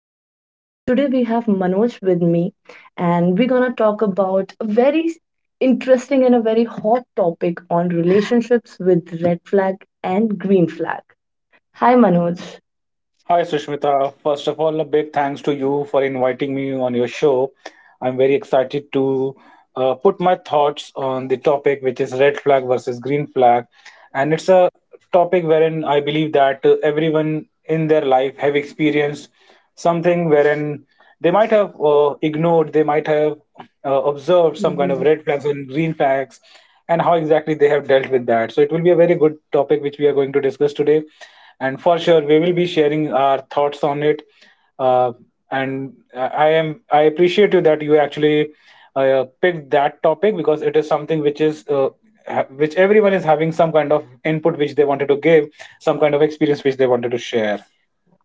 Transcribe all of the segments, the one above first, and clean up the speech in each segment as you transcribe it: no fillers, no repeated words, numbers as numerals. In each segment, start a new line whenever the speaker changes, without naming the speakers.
Relationship. And today we have Manoj with me, and we're gonna talk about a very interesting and a very hot topic on relationships with red flag and green flag. Hi, Manoj.
Hi, Sushmita. First of all, a big thanks to you for inviting me on your show. I'm very excited to put my thoughts on the topic, which is red flag versus green flag. And it's a topic wherein I believe that everyone in their life have experienced something wherein they might have ignored, they might have observed some kind of red flags and green flags, and how exactly they have dealt with that. So it will be a very good topic which we are going to discuss today, and for sure we will be sharing our thoughts on it. Uh, and i I am i appreciate you that you actually picked that topic, because it is something which is which everyone is having some kind of input which they wanted to give, some kind of experience which they wanted to share.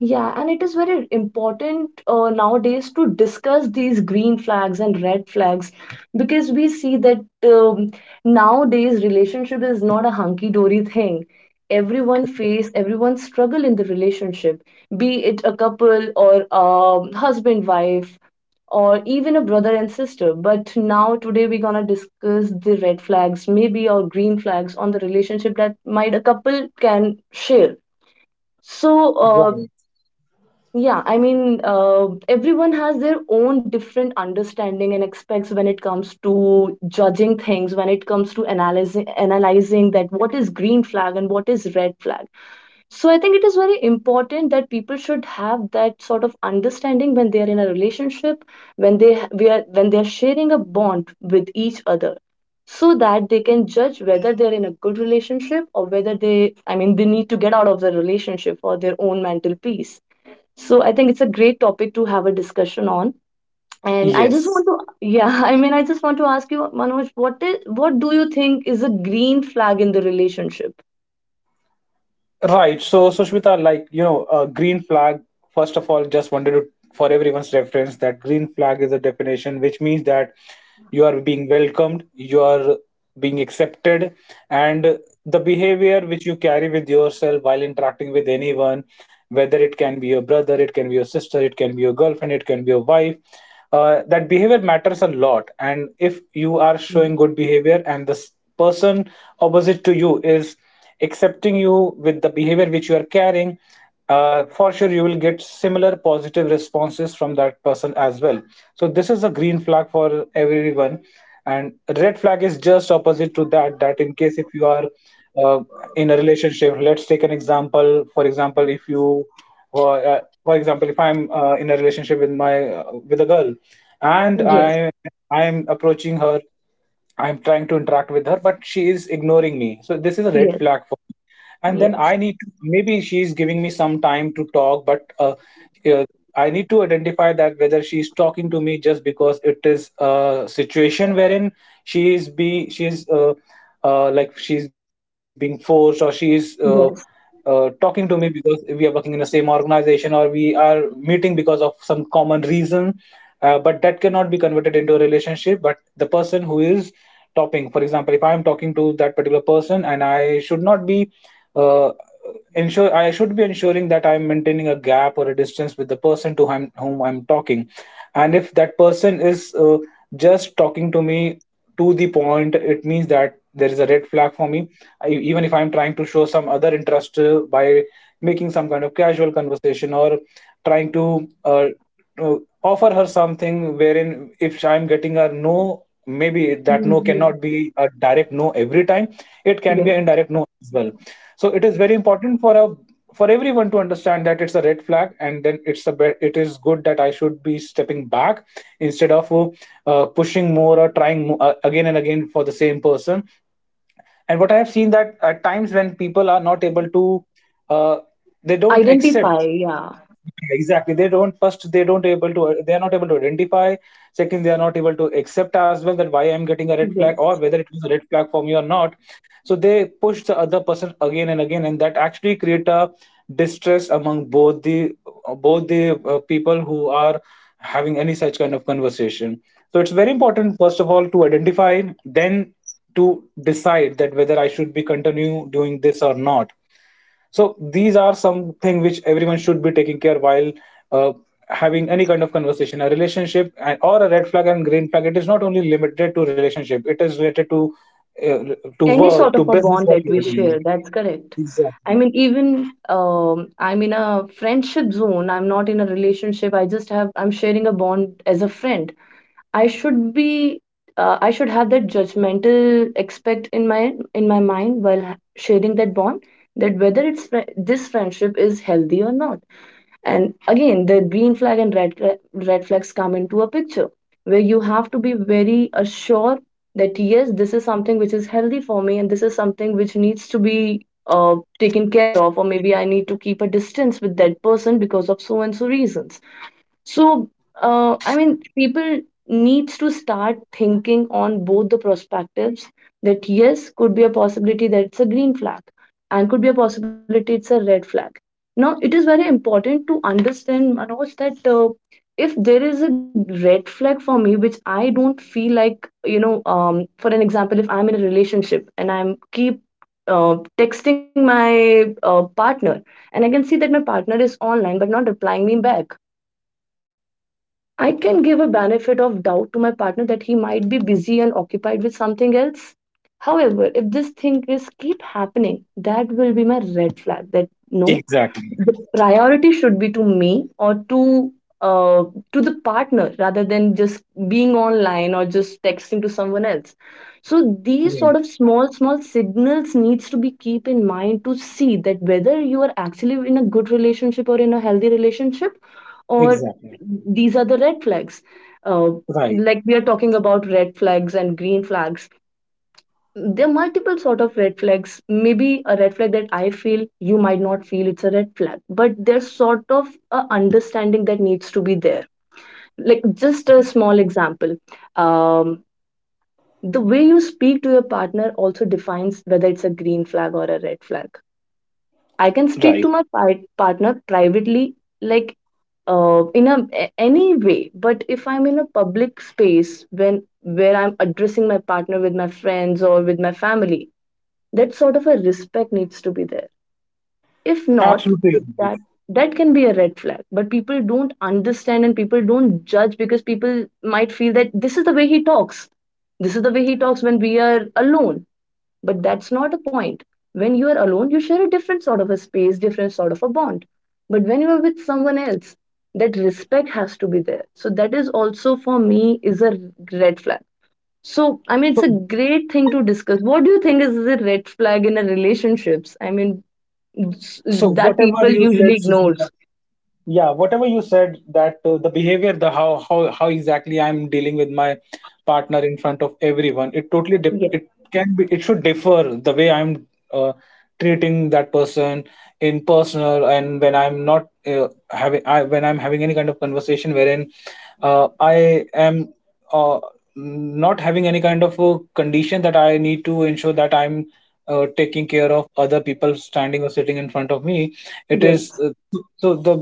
Yeah, and it is very important nowadays to discuss these green flags and red flags because we see that um, nowadays relationship is not a hunky-dory thing. Everyone face, everyone struggle in the relationship, be it a couple or husband, wife, or even a brother and sister. But now today we're gonna discuss the red flags, maybe or green flags on the relationship that might a couple can share. So, uh,
Right.
yeah, I mean, everyone has their own different understanding and expects when it comes to judging things, when it comes to analyzing that what is green flag and what is red flag. So I think it is very important that people should have that sort of understanding when they are in a relationship, when they ha- we are when they are sharing a bond with each other, so that they can judge whether they're in a good relationship or whether they, I mean, they need to get out of the relationship for their own mental peace. So I think it's a great topic to have a discussion on. And I just
Yes.
want to, yeah, I mean, I just want to ask you, Manoj, what is, what do you think is a green flag in the relationship?
Right. So, Sushmita, like, you know, green flag, first of all, just wanted to, for everyone's reference, that green flag is a definition which means that you are being welcomed, you are being accepted, and the behavior which you carry with yourself while interacting with anyone, whether it can be your brother, it can be your sister, it can be your girlfriend, it can be your wife, that behavior matters a lot. And if you are
Mm.
showing good behavior and this person opposite to you is accepting you with the behavior which you are carrying, for sure you will get similar positive responses from that person as well. So this is a green flag for everyone. And red flag is just opposite to that, that in case if you are uh, in a relationship, let's take an example. For example, if you or, for example, if I'm in a relationship with my with a girl, and
Yes,
I I'm approaching her, I'm trying to interact with her, but she is ignoring me, so this is a red
yes,
flag. For and then
yes,
I need to, maybe she's giving me some time to talk, but uh, I need to identify that whether she's talking to me just because it is a situation wherein she is be she's like, she's being forced, or she's
yes.
talking to me because we are working in the same organization, or we are meeting because of some common reason, but that cannot be converted into a relationship. But the person who is topping, for example, if I am talking to that particular person, and I should not be, uh, ensure I should be ensuring that I'm maintaining a gap or a distance with the person to whom I'm talking. And if that person is just talking to me to the point, it means that there is a red flag for me. Even if I'm trying to show some other interest by making some kind of casual conversation, or trying to uh, offer her something, wherein if I'm getting a no, maybe that
Mm,
no
yes,
cannot be a direct no every time, it can be an
yes.
indirect no as well. So it is very important for a, for everyone to understand that it's a red flag, and then it's a it is good that I should be stepping back, instead of pushing more, or trying again and again for the same person. And what I have seen, that at times when people are not able to, uh, they don't
Identify,
accept,
yeah,
exactly, they don't, first, they are not able to identify. Second, they are not able to accept as well, that why I'm getting a red flag, or
yes.
whether it was a red flag for me or not. So they push the other person again and again, and that actually create a distress among both the people who are having any such kind of conversation. So it's very important, first of all, to identify, then to decide that whether I should be continue doing this or not. So these are something which everyone should be taking care while uh, having any kind of conversation, a relationship. And, or, a red flag and green flag, it is not only limited to relationship, it is related uh, to
Any
work,
sort
to
of a
business,
bond
what
that
you
we
are doing.
share, that's correct. I
Exactly.
mean, even I'm in a friendship zone. I'm not in a relationship. I just have, I'm sharing a bond as a friend. I should be, I should have that judgmental expect in my mind while sharing that bond, that whether this friendship is healthy or not. And again, the green flag and red flags come into a picture where you have to be very assured that yes, this is something which is healthy for me and this is something which needs to be taken care of, or maybe I need to keep a distance with that person because of so and so reasons. So, I mean, people needs to start thinking on both the perspectives, that yes, could be a possibility that it's a green flag and could be a possibility it's a red flag. Now, it is very important to understand, Manoj, that if there is a red flag for me, which I don't feel like, you know, for an example, if I'm in a relationship and I'm keep texting my partner and I can see that my partner is online but not replying me back. I can give a benefit of doubt to my partner that he might be busy and occupied with something else. However, if this thing is keep happening, that will be my red flag that no,
Exactly.
the priority should be to me or to, uh, to the partner rather than just being online or just texting to someone else. So these sort of
Right.
small small signals needs to be keep in mind to see that whether you are actually in a good relationship or in a healthy relationship, or
Exactly.
these are the red flags. uh,
Right.
like we are talking about red flags and green flags, there are multiple sort of red flags. Maybe a red flag that I feel you might not feel it's a red flag, but there's sort of a understanding that needs to be there. Like just a small example, um, the way you speak to your partner also defines whether it's a green flag or a red flag. I can speak to
Right.
my partner privately, like, in any way, but if I'm in a public space, when where I'm addressing my partner with my friends or with my family, that sort of a respect needs to be there. If not,
Absolutely
that
agree.
that can be a red flag, but people don't understand and people don't judge because people might feel that this is the way he talks, this is the way he talks when we are alone. But that's not a point. When you are alone you share a different sort of a space, different sort of a bond, but when you are with someone else that respect has to be there. So that is also for me is a red flag. So, I mean, it's
So,
a great thing to discuss. What do you think is the red flag in a relationships? I mean,
so
that
whatever
people
you said,
usually
Sushmita.
ignores.
Yeah, whatever you said, that the behavior, the how exactly I'm dealing with my partner in front of everyone, it totally
Yes,
it can be, it should differ the way I'm uh, treating that person in personal. And when I'm not when I'm having any kind of conversation wherein I am uh, not having any kind of a condition that I need to ensure that I'm taking care of other people standing or sitting in front of me, it is
yes,
the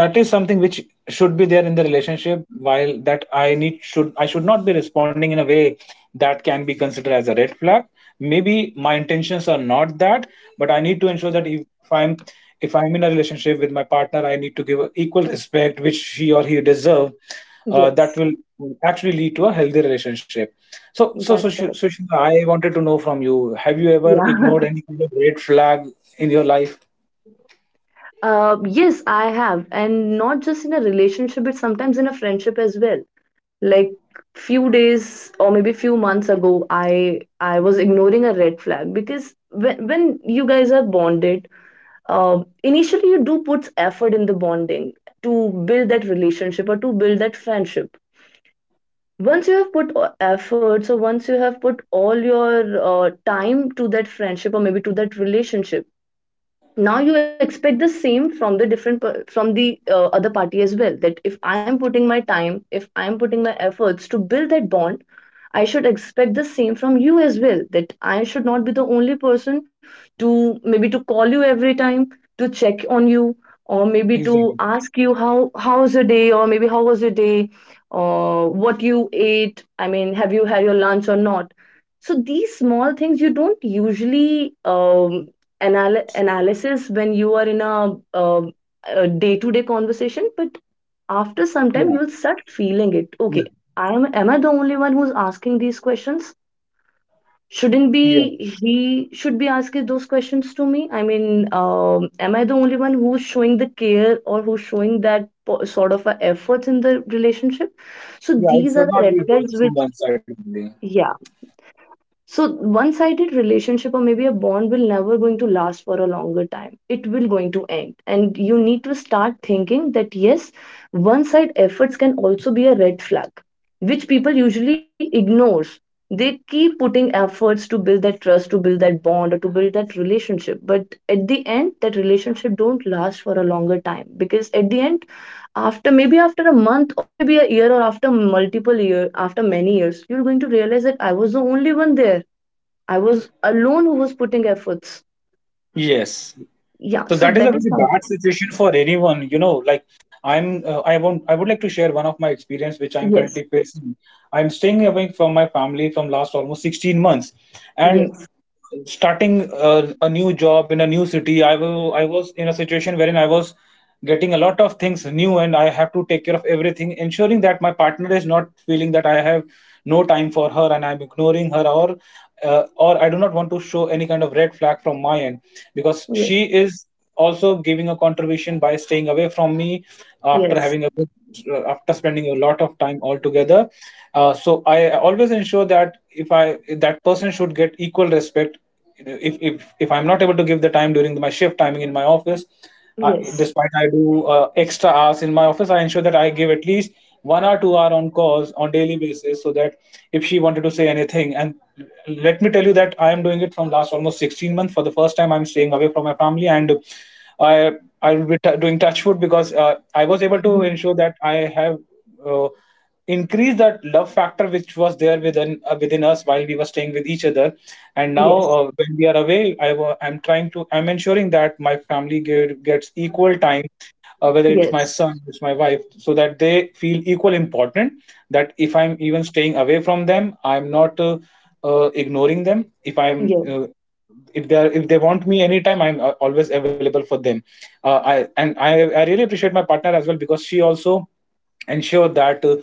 that is something which should be there in the relationship. While that I need, should not be responding in a way that can be considered as a red flag. Maybe my intentions are not that, but I need to ensure that i'm if I'm in a relationship with my partner, I need to give equal respect which she or he deserve.
yes.
That will actually lead to a healthy relationship. So,
That's
Sush-
correct.
Sushita, I wanted to know from you, have you ever
Yeah.
ignored any kind of red flag in your life?
Yes, I have, and not just in a relationship, but sometimes in a friendship as well. Like few days or maybe few months ago, I was ignoring a red flag because when you guys are bonded, initially you do put effort in the bonding to build that relationship or to build that friendship. Once you have put efforts or once you have put all your time to that friendship or maybe to that relationship, now you expect the same from the from the other party as well, that if I am putting my time, if I am putting my efforts to build that bond, I should expect the same from you as well, that I should not be the only person to maybe to call you every time, to check on you, or maybe to
Exactly.
ask you how how's your day or maybe how was your day, or what you ate. I mean, have you had your lunch or not. So these small things you don't usually, analysis when you are in a day-to-day conversation, but after some time
Yeah.
you will start feeling it okay. I Am I the only one who's asking these questions? Shouldn't
Yeah.
be he should be asking those questions to me? I mean, am I the only one who's showing the care or who's showing sort of a effort in the relationship? So
Yeah, it
these are
should
the
not be
red
a
flags
person
which,
one side only.
yeah. So one-sided relationship or maybe a bond will never going to last for a longer time. It will going to end. And you need to start thinking that yes, one-side efforts can also be a red flag, which people usually ignores. They keep putting efforts to build that trust, to build that bond, or to build that relationship. But at the end, that relationship don't last for a longer time because at the end, after maybe after a month or maybe a year or after multiple year, after many years, you're going to realize that I was the only one there. I was alone who was putting efforts.
Yes.
Yeah,
So
so
that is a
that is
very
something.
bad situation for anyone, you know, like, I'm I would like to share one of my experience which I'm
Yes,
currently facing. I'm staying away from my family from last almost 16 months. And
yes,
starting a new job in a new city, I was in a situation wherein I was getting a lot of things new, and I have to take care of everything, ensuring that my partner is not feeling that I have no time for her, and I'm ignoring her, or I do not want to show any kind of red flag from my end, because
yes,
she is also giving a contribution by staying away from me after
yes,
having a good, after spending a lot of time altogether. So I always ensure that if I that person should get equal respect. If I'm not able to give the time during my shift timing in my office,
yes.
despite I do extra hours in my office, I ensure that I give at least 1 or 2 hour on calls on daily basis, so that if she wanted to say anything, and let me tell you that I am doing it from last almost 16 months. For the first time, I'm staying away from my family, and I I will be doing touch food because I was able to
Mhm.
ensure that I have. Uh, Increase that love factor which was there within within us while we were staying with each other. And now
Yes,
when we are away, I wa- I'm trying to I'm ensuring that my gets equal time, whether it's my
yes,
son, it's my wife, so that they feel equal important. That if I'm even staying away from them, I'm not ignoring them. If I'm
yes,
if they are, if they want me anytime, I'm always available for them. Uh, i and i i really appreciate my partner as well, because she also ensure that uh,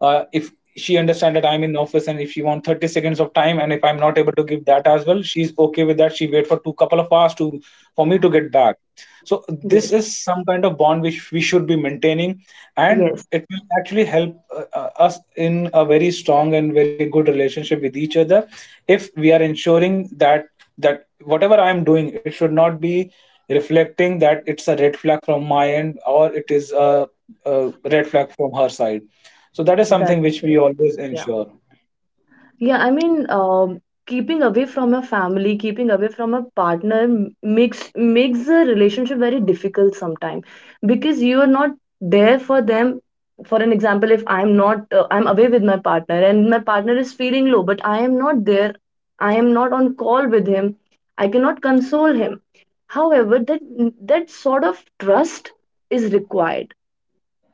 uh, if she understands that I'm in office, and if she wants 30 seconds of time, and if I'm not able to give that as well, she's okay with that. She wait for two couple of hours to for me to get back. So this
yes,
is some kind of bond which we should be maintaining, and
yes.
it will actually help us in a very strong and very good relationship with each other, if we are ensuring that whatever I am doing, it should not be reflecting that it's a red flag from my end, or it is a red flag from her side. So that is something
That's
which we
correct.
always ensure.
Yeah, I mean, keeping away from a family, keeping away from a partner makes makes the relationship very difficult sometimes because you are not there for them. For an example, if I'm not, I'm away with my partner and my partner is feeling low, but I am not there, I am not on call with him, I cannot console him. However, that that sort of trust is required,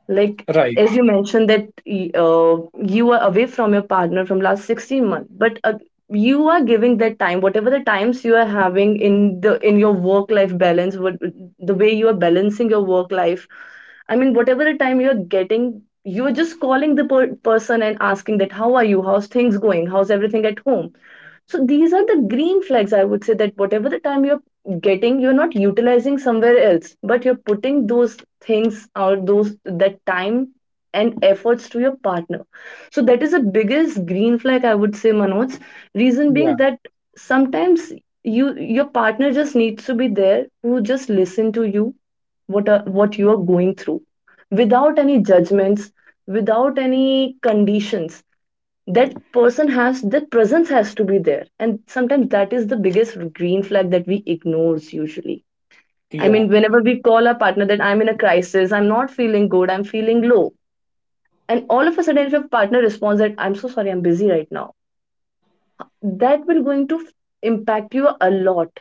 like,
Right.
as you mentioned that you are away from your partner from last 16 months, but you are giving that time, whatever the times you are having in the in your work life balance, what the way you are balancing your work life. I mean, whatever the time you're getting, you're just calling the person and asking that, how are you? How's things going? How's everything at home? So these are the green flags, I would say, that whatever the time you're getting, you're not utilizing somewhere else, but you're putting those things or those that time and efforts to your partner. So that is the biggest green flag, I would say, Manoj. Reason being
Yeah.
that sometimes you your partner just needs to be there who just listen to you, what are, what you are going through, without any judgments, without any conditions. That person has, that presence has to be there, and sometimes that is the biggest green flag that we ignores usually. I
Yeah.
mean, whenever we call our partner that I'm in a crisis, I'm not feeling good, I'm feeling low, and all of a sudden if your partner responds that I'm so sorry I'm busy right now, that will going to f- impact you a lot.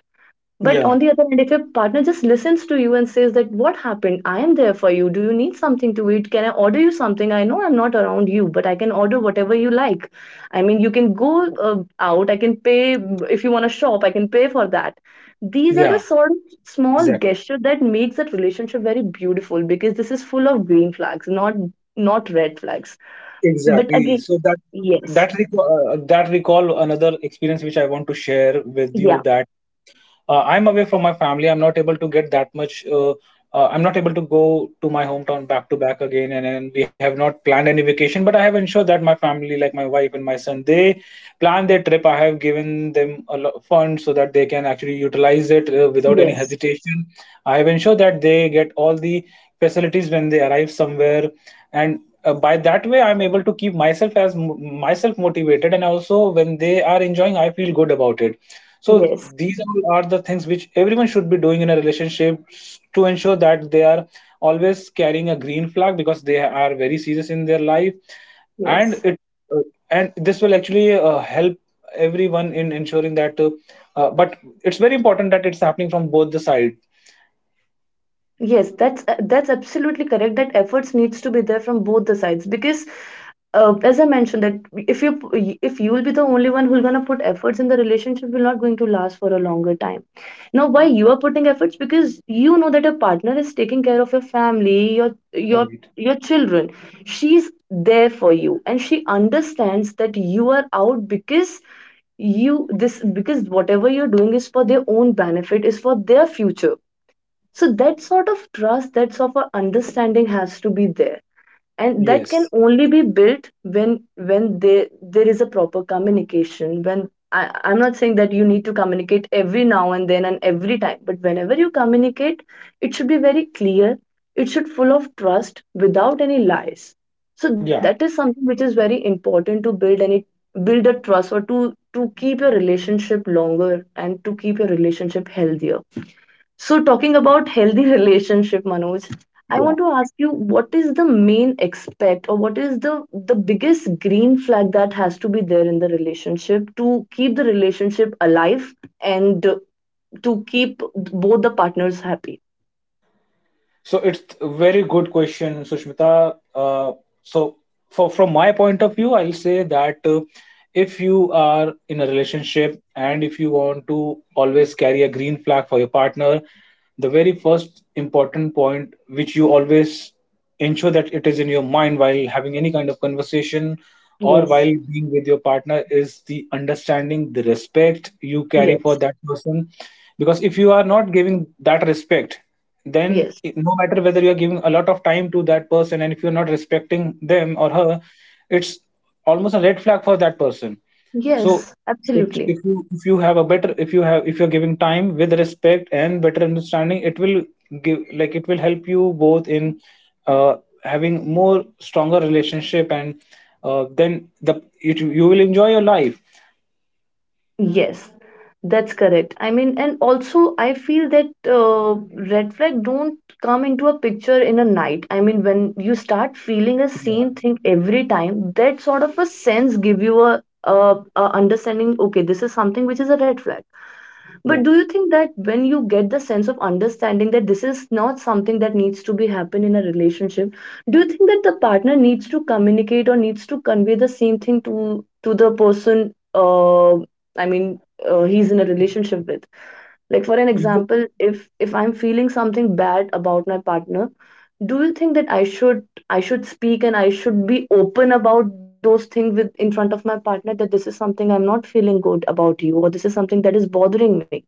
But
Yeah.
on the other hand, if your partner just listens to you and says that, "What happened? I am there for you. Do you need something to eat? Can I order you something? I know I'm not around you, but I can order whatever you like. I mean, you can go out. I can pay if you want to shop. I can pay for that." These are the
Yeah.
sort of small
Exactly.
gesture that makes that relationship very beautiful because this is full of green flags, not red flags. But
Exactly.
again,
So that
yes,
that recall, that recall another experience which I want to share with
yeah,
you. That I'm away from my family. I'm not able to get that much I'm not able to go to my hometown back to back again, and we have not planned any vacation, but I have ensured that my family, like my wife and my son, they plan their trip. I have given them a lot of funds so that they can actually utilize it without any
yes,
hesitation. I have ensured that they get all the facilities when they arrive somewhere, and by that way I'm able to keep myself as myself motivated, and also when they are enjoying I feel good about it. So
yes,
these all are the things which everyone should be doing in a relationship, to ensure that they are always carrying a green flag, because they are very serious in their life. and
yes.
it uh, and this will actually help everyone in ensuring that but it's very important that it's happening from both the side.
Yes, that's absolutely correct. That efforts needs to be there from both the sides because, as I mentioned, that if you if you'll be the only one who's gonna put efforts in the relationship, will not going to last for a longer time. Now, why you are putting efforts? Because you know that your partner is taking care of your family, your
Right.
your children. She's there for you, and she understands that you are out because you this because whatever you're doing is for their own benefit, is for their future, so that sort of trust, that sort of understanding has to be there. And that can
Yes.
only be built when there is a proper communication. When I'm not saying that you need to communicate every now and then and every time, but whenever you communicate, it should be very clear. It should full of trust without any lies. So that
Yeah.
is something which is very important to build a trust or to keep your relationship longer and to keep your relationship healthier. So, talking about healthy relationship, Manoj, I want to ask you what is the main expect or what is the biggest green flag that has to be there in the relationship to keep the relationship alive and to keep both the partners happy?
So it's a very good question, Sushmita. So, for, from my point of view, I'll say that, if you are in a relationship and if you want to always carry a green flag for your partner, the very first important point which you always ensure that it is in your mind while having any kind of conversation or
Yes,
while being with your partner is the understanding, the respect you carry for
yes,
that person. Because if you are not giving that respect, then
yes,
no matter whether you are giving a lot of time to that person, and if you're not respecting them or her, it's almost a red flag for that person. So
yes,
it,
absolutely.
if you have a better, if you have, if you're giving time with respect and better understanding, it will give, like it will help you both in uh, having more stronger relationship, and then the it, you will enjoy your life.
Yes, that's correct. I mean, and also I feel that uh, red flag don't come into a picture in a night. I mean, when you start feeling a same thing every time, that sort of a sense give you a understanding, okay, this is something which is a red flag. But
Yeah,
do you think that when you get the sense of understanding that this is not something that needs to be happen in a relationship, do you think that the partner needs to communicate or needs to convey the same thing to the person? I mean, he's in a relationship with. Like for an
yeah.
example, if I'm feeling something bad about my partner, do you think that I should speak and I should be open about those things with in front of my partner that this is something I'm not feeling good about you or this is something that is bothering me?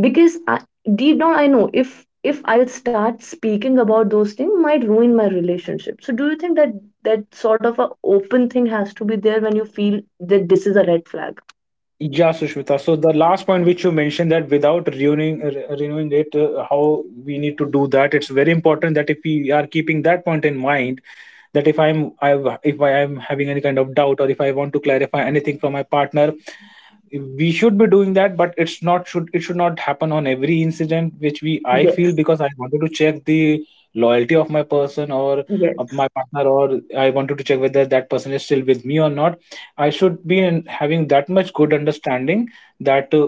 Because I, deep down, I know if I'll start speaking about those things might ruin my relationship, so do you think that that sort of a open thing has to be there when you feel that this is a red flag?
Yeah, Sushmita. So the last point which you mentioned, that without renewing renewing it, how we need to do that. It's very important that if we are keeping that point in mind, that if I'm I if I am having any kind of doubt, or if I want to clarify anything from my partner, we should be doing that. But it's not should, it should not happen on every incident which we I feel,
Yes,
because I wanted to check the loyalty of my person or of my
yes,
partner, or I wanted to check whether that person is still with me or not. I should be in having that much good understanding that uh,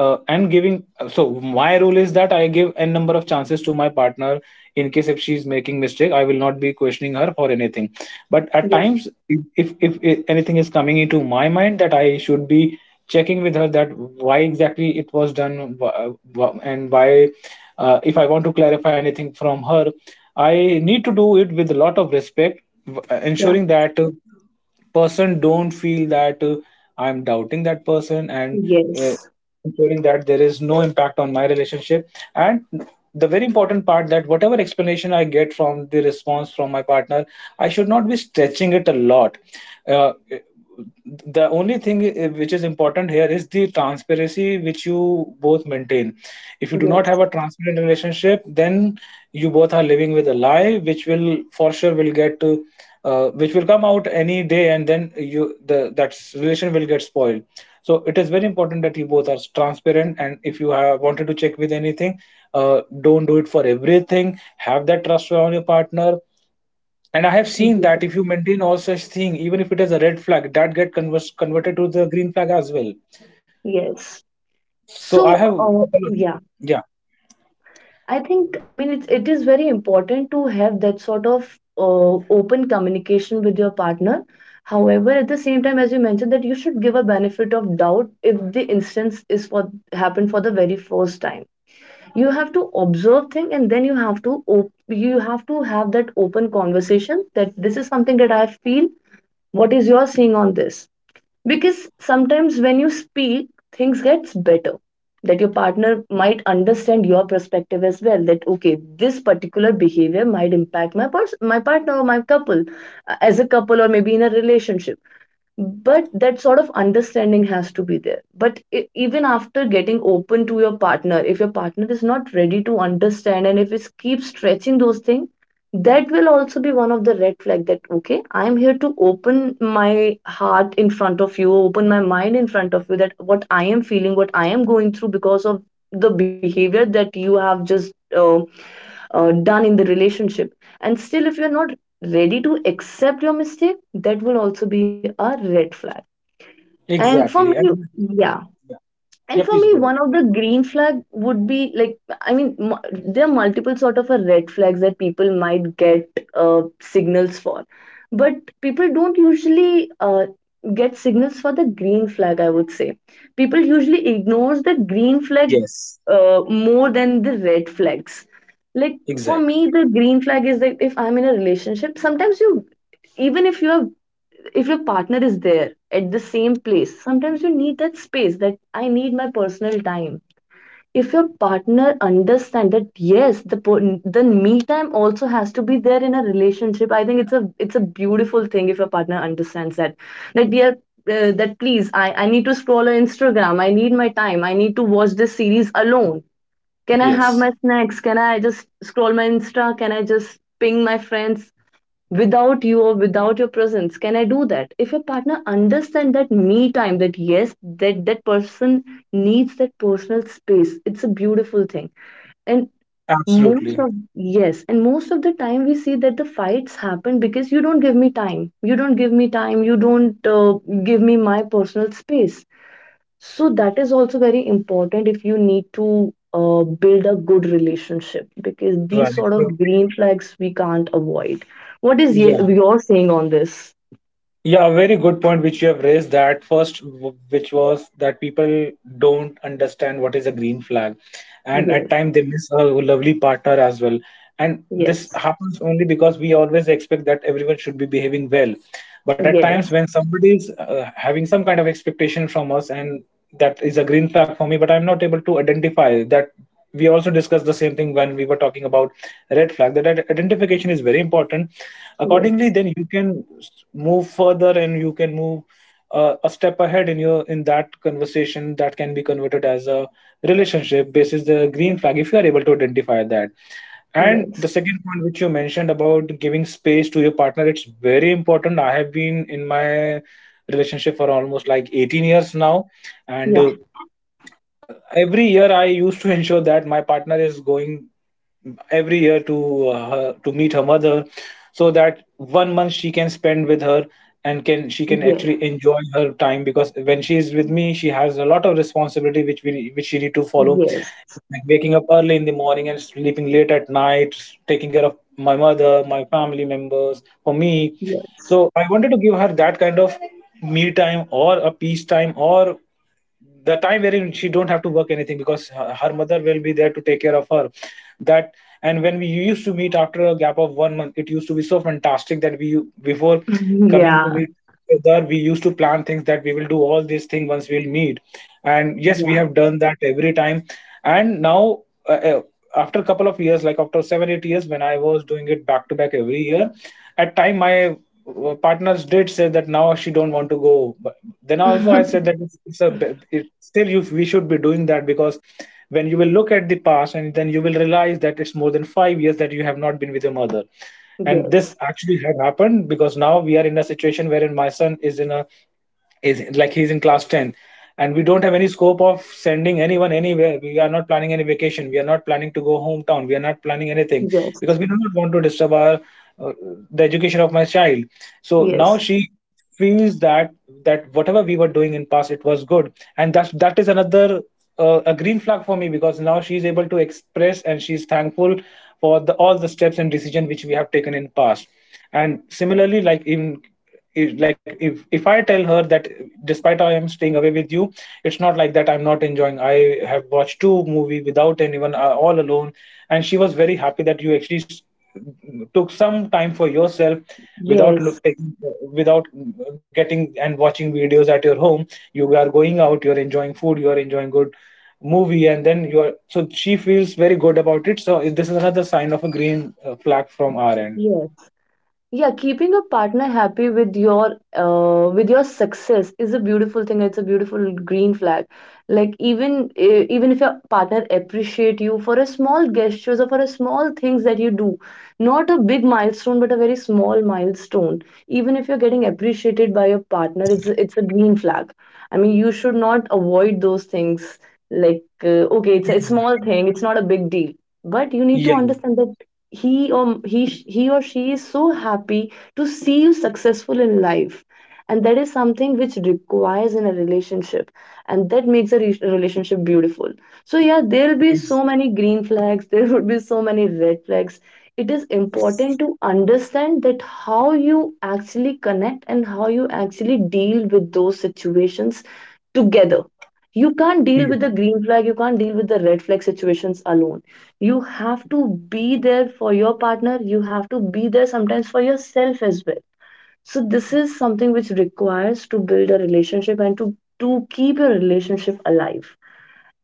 uh, and giving, so my rule is that I give n number of chances to my partner. In case if she's making mistake, I will not be questioning her for anything. But at
yeah,
times, if if anything is coming into my mind, that I should be checking with her that why exactly it was done, and why, if I want to clarify anything from her, I need to do it with a lot of respect,
yeah,
ensuring that person don't feel that I'm doubting that person, and
yes,
ensuring that there is no impact on my relationship. And the very important part, that whatever explanation I get from the response from my partner, I should not be stretching it a lot. uh, the only thing which is important here is the transparency which you both maintain. If you do not have
yes,
a transparent relationship, then you both are living with a lie, which will for sure will get to, which will come out any day, and then you, the that relation will get spoiled. So it is very important that you both are transparent, and if you have wanted to check with anything, don't do it for everything. Have that trust on your partner. And I have seen
yes,
that if you maintain all such thing, even if it is a red flag, that get converted to the green flag as well.
yes,
So I
so
have,
yeah,
yeah,
I think, I mean, it's it is very important to have that sort of uh, open communication with your partner. However, at the same time, as you mentioned, that you should give a benefit of doubt if the instance is for happened for the very first time. You have to observe thing, and then you have to you have to have that open conversation that this is something that I feel. What is your seeing on this? Because sometimes when you speak, things gets better, that your partner might understand your perspective as well that okay this particular behavior might impact my person, my partner, or my couple, as a couple or maybe in a relationship, but that sort of understanding has to be there. But even after getting open to your partner, if your partner is not ready to understand and if it keeps stretching those things, that will also be one of the red flag. That okay, I'm here to open my heart in front of you, open my mind in front of you, that what I am feeling, what I am going through because of the behavior that you have just done in the relationship, and still if you're not ready to accept your mistake, that will also be a red flag. And for
exactly.
me,
And
yeah.
yeah, yeah,
And for
please
me,
go ahead.
one of the green flag would be like, I mean, there are multiple sort of a red flags that people might get signals for, but people don't usually get signals for the green flag. I would say people usually ignores the green flag,
Yes,
more than the red flags. Like for
exactly.
me, the green flag is that if I'm in a relationship, sometimes you, even if you are, if your partner is there at the same place, sometimes you need that space, that I need my personal time. If your partner understands that yes, the me time also has to be there in a relationship, I think it's a beautiful thing if your partner understands that, that dear, that please, I need to scroll on Instagram, I need my time, I need to watch this series alone. Can I have
Yes,
my snacks? Can I just scroll my Insta? Can I just ping my friends? Without you or without your presence, can I do that? If your partner understand that me time, that yes, that person needs that personal space, it's a beautiful thing. And
absolutely.
most of, yes, and most of the time we see that the fights happen because you don't give me time, you don't give me time, you don't give me my personal space. So that is also very important if you need to build a good relationship, because
Right.
these sort
Uh,
of green flags we can't avoid. What is
Yeah.
your saying on this?
Yeah, very good point which you have raised, that first, which was that people don't understand what is a green flag, and
Yes,
at time they miss a lovely partner as well. And this
yes,
happens only because we always expect that everyone should be behaving well, but at
yes,
times when somebody is having some kind of expectation from us, and that is a green flag for me, but I'm not able to identify that. We also discussed the same thing when we were talking about red flag. That identification is very important. Accordingly,
yes,
then you can move further, and you can move a step ahead in your, in that conversation, that can be converted as a relationship basis the green flag, if you are able to identify that. And
yes,
the second point which you mentioned about giving space to your partner, it's very important. I have been in my relationship for almost like 18 years now, and
yeah,
every year I used to ensure that my partner is going every year to her, to meet her mother, so that 1 month she can spend with her, and can, she can
yes,
actually enjoy her time. Because when she is with me, she has a lot of responsibility which we, which she need to follow,
yes,
like waking up early in the morning and sleeping late at night, taking care of my mother, my family members, for me.
yes,
So I wanted to give her that kind of me time, or a peace time, or the time wherein she don't have to work anything, because her, her mother will be there to take care of her. That, and when we used to meet after a gap of 1 month, it used to be so fantastic that we, before coming to
yeah,
meet each other, we used to plan things that we will do all these things once we'll meet. And yes, we
yeah,
have done that every time. And now, uh, uh, after a couple of years, like after 7 8 years when I was doing it back to back every year, at time my partners did say that now she don't want to go. Then also I said that it's a it, still you, we should be doing that, because when you will look at the past and then you will realize that it's more than 5 years that you have not been with your mother. And
yes,
this actually had happened because now we are in a situation wherein my son is in a, is like he's in class 10, and we don't have any scope of sending anyone anywhere. We are not planning any vacation, we are not planning to go hometown, we are not planning anything,
yes,
because we do not want to disturb our uh, the education of my child. So
yes,
now she feels that, that whatever we were doing in past, it was good, and that's, that is another a green flag for me, because now she is able to express and she's thankful for the all the steps and decision which we have taken in past. And similarly, like in like, if I tell her that despite I am staying away with you, it's not like that I'm not enjoying. I have watched two movie without anyone, all alone, and she was very happy that you actually took some time for yourself without
yes,
without getting and watching videos at your home, you are going out, you are enjoying food, you are enjoying good movie, and then you are, so she feels very good about it. So this is another sign of a green flag from our end.
yes. Yeah, keeping a partner happy with your success is a beautiful thing. It's a beautiful green flag. Like even even if your partner appreciate you for a small gestures or for a small things that you do, not a big milestone but a very small milestone. Even if you're getting appreciated by your partner, it's a green flag. I mean, you should not avoid those things. Like okay, it's a, it's small thing. It's not a big deal. But you need to
Yeah,
understand that he or he or she is so happy to see you successful in life, and that is something which requires in a relationship, and that makes a relationship beautiful. So yeah, there'll be so many green flags, there would be so many red flags. It is important to understand that how you actually connect and how you actually deal with those situations together. You can't deal with
yeah,
the green flag, you can't deal with the red flag situations alone. You have to be there for your partner. You have to be there sometimes for yourself as well. So this is something which requires to build a relationship and to keep your relationship alive.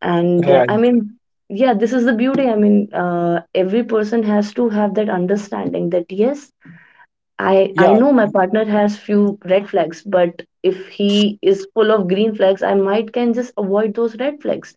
And
right,
I mean, yeah, this is the beauty. I mean, every person has to have that understanding that yes, I
yeah.
know my partner has few red flags, but if he is full of green flags, I might can just avoid those red flags.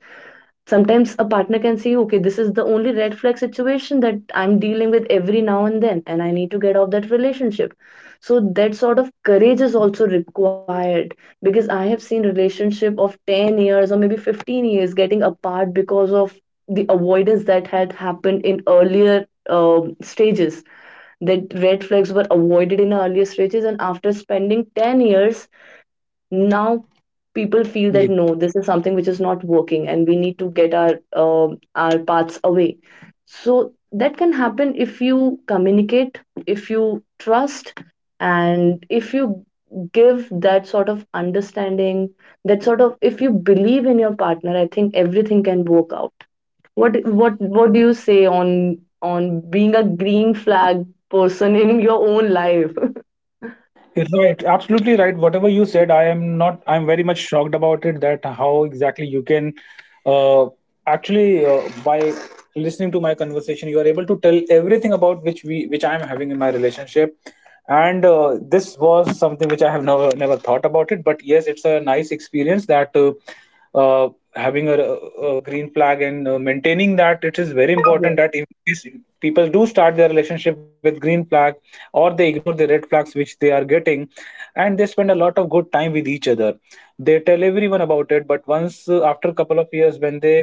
Sometimes a partner can say, okay, this is the only red flag situation that I'm dealing with every now and then, and I need to get off that relationship. So that sort of courage is also required because I have seen relationship of 10 years or maybe 15 years getting apart because of the avoidance that had happened in earlier stages. That red flags were avoided in the earlier stages and after spending 10 years now, people feel that no, this is something which is not working and we need to get our paths away. So that can happen if you communicate, if you trust, and if you give that sort of understanding, that sort of, if you believe in your partner, I think everything can work out. What do you say on being a green flag person in your own life?
Right, absolutely right. Whatever you said, I am not. I'm very much shocked about it. That how exactly you can, uh, actually, by listening to my conversation, you are able to tell everything about which we, which I am having in my relationship, and this was something which I have never never thought about it. But yes, it's a nice experience that uh, having a green flag, and maintaining that, it is very important
Yes,
that in case people do start their relationship with green flag, or they ignore the red flags which they are getting, and they spend a lot of good time with each other, they tell everyone about it. But once, after a couple of years, when they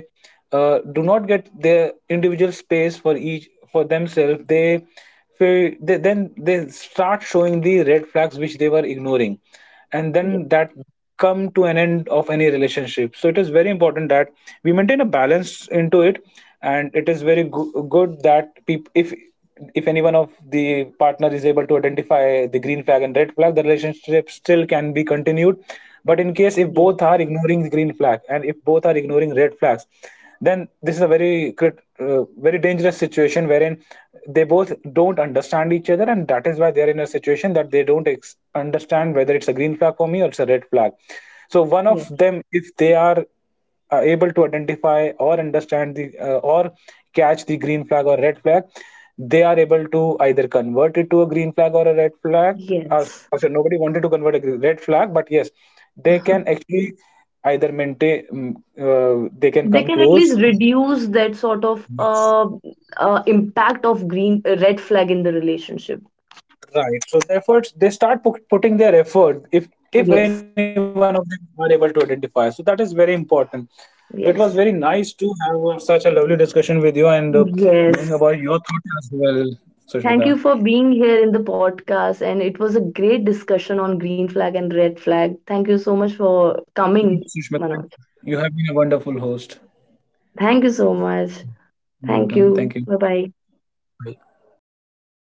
do not get their individual space for each for themselves, they feel they, then they start showing the red flags which they were ignoring, and
yes,
then that come to an end of any relationship. So it is very important that we maintain a balance into it. And it is very good that people, if any one of the partner is able to identify the green flag and red flag, the relationship still can be continued. But in case if
yes,
both are ignoring the green flag, and if both are ignoring red flags, then this is a very very dangerous situation wherein they both don't understand each other, and that is why they are in a situation that they don't understand whether it's a green flag for me or it's a red flag. So one of
yes,
them, if they are able to identify or understand the or catch the green flag or red flag, they are able to either convert it to a green flag or a red flag. Uh,
yes.
so nobody wanted to convert a red flag, but yes, they can actually either maintain. Mm, uh, they can
They
come
can at
close.
least reduce that sort of
Yes.
impact of green red flag in the relationship.
Right. So the efforts, they start putting their effort, if any
Yes,
one of them are able to identify. So that is very important. So it was very
yes.
nice to have such a lovely discussion with you, and knowing
Yes.
about your thoughts as well,
Thank you
Sushmita.
for being here in the podcast. And it was a great discussion on green flag and red flag. Thank you so much for coming,
Thank you,
Manoj.
Sushmita, you have been a wonderful host.
Thank you so much. Thank
You're
you.
welcome.
Bye
Thank you.
bye.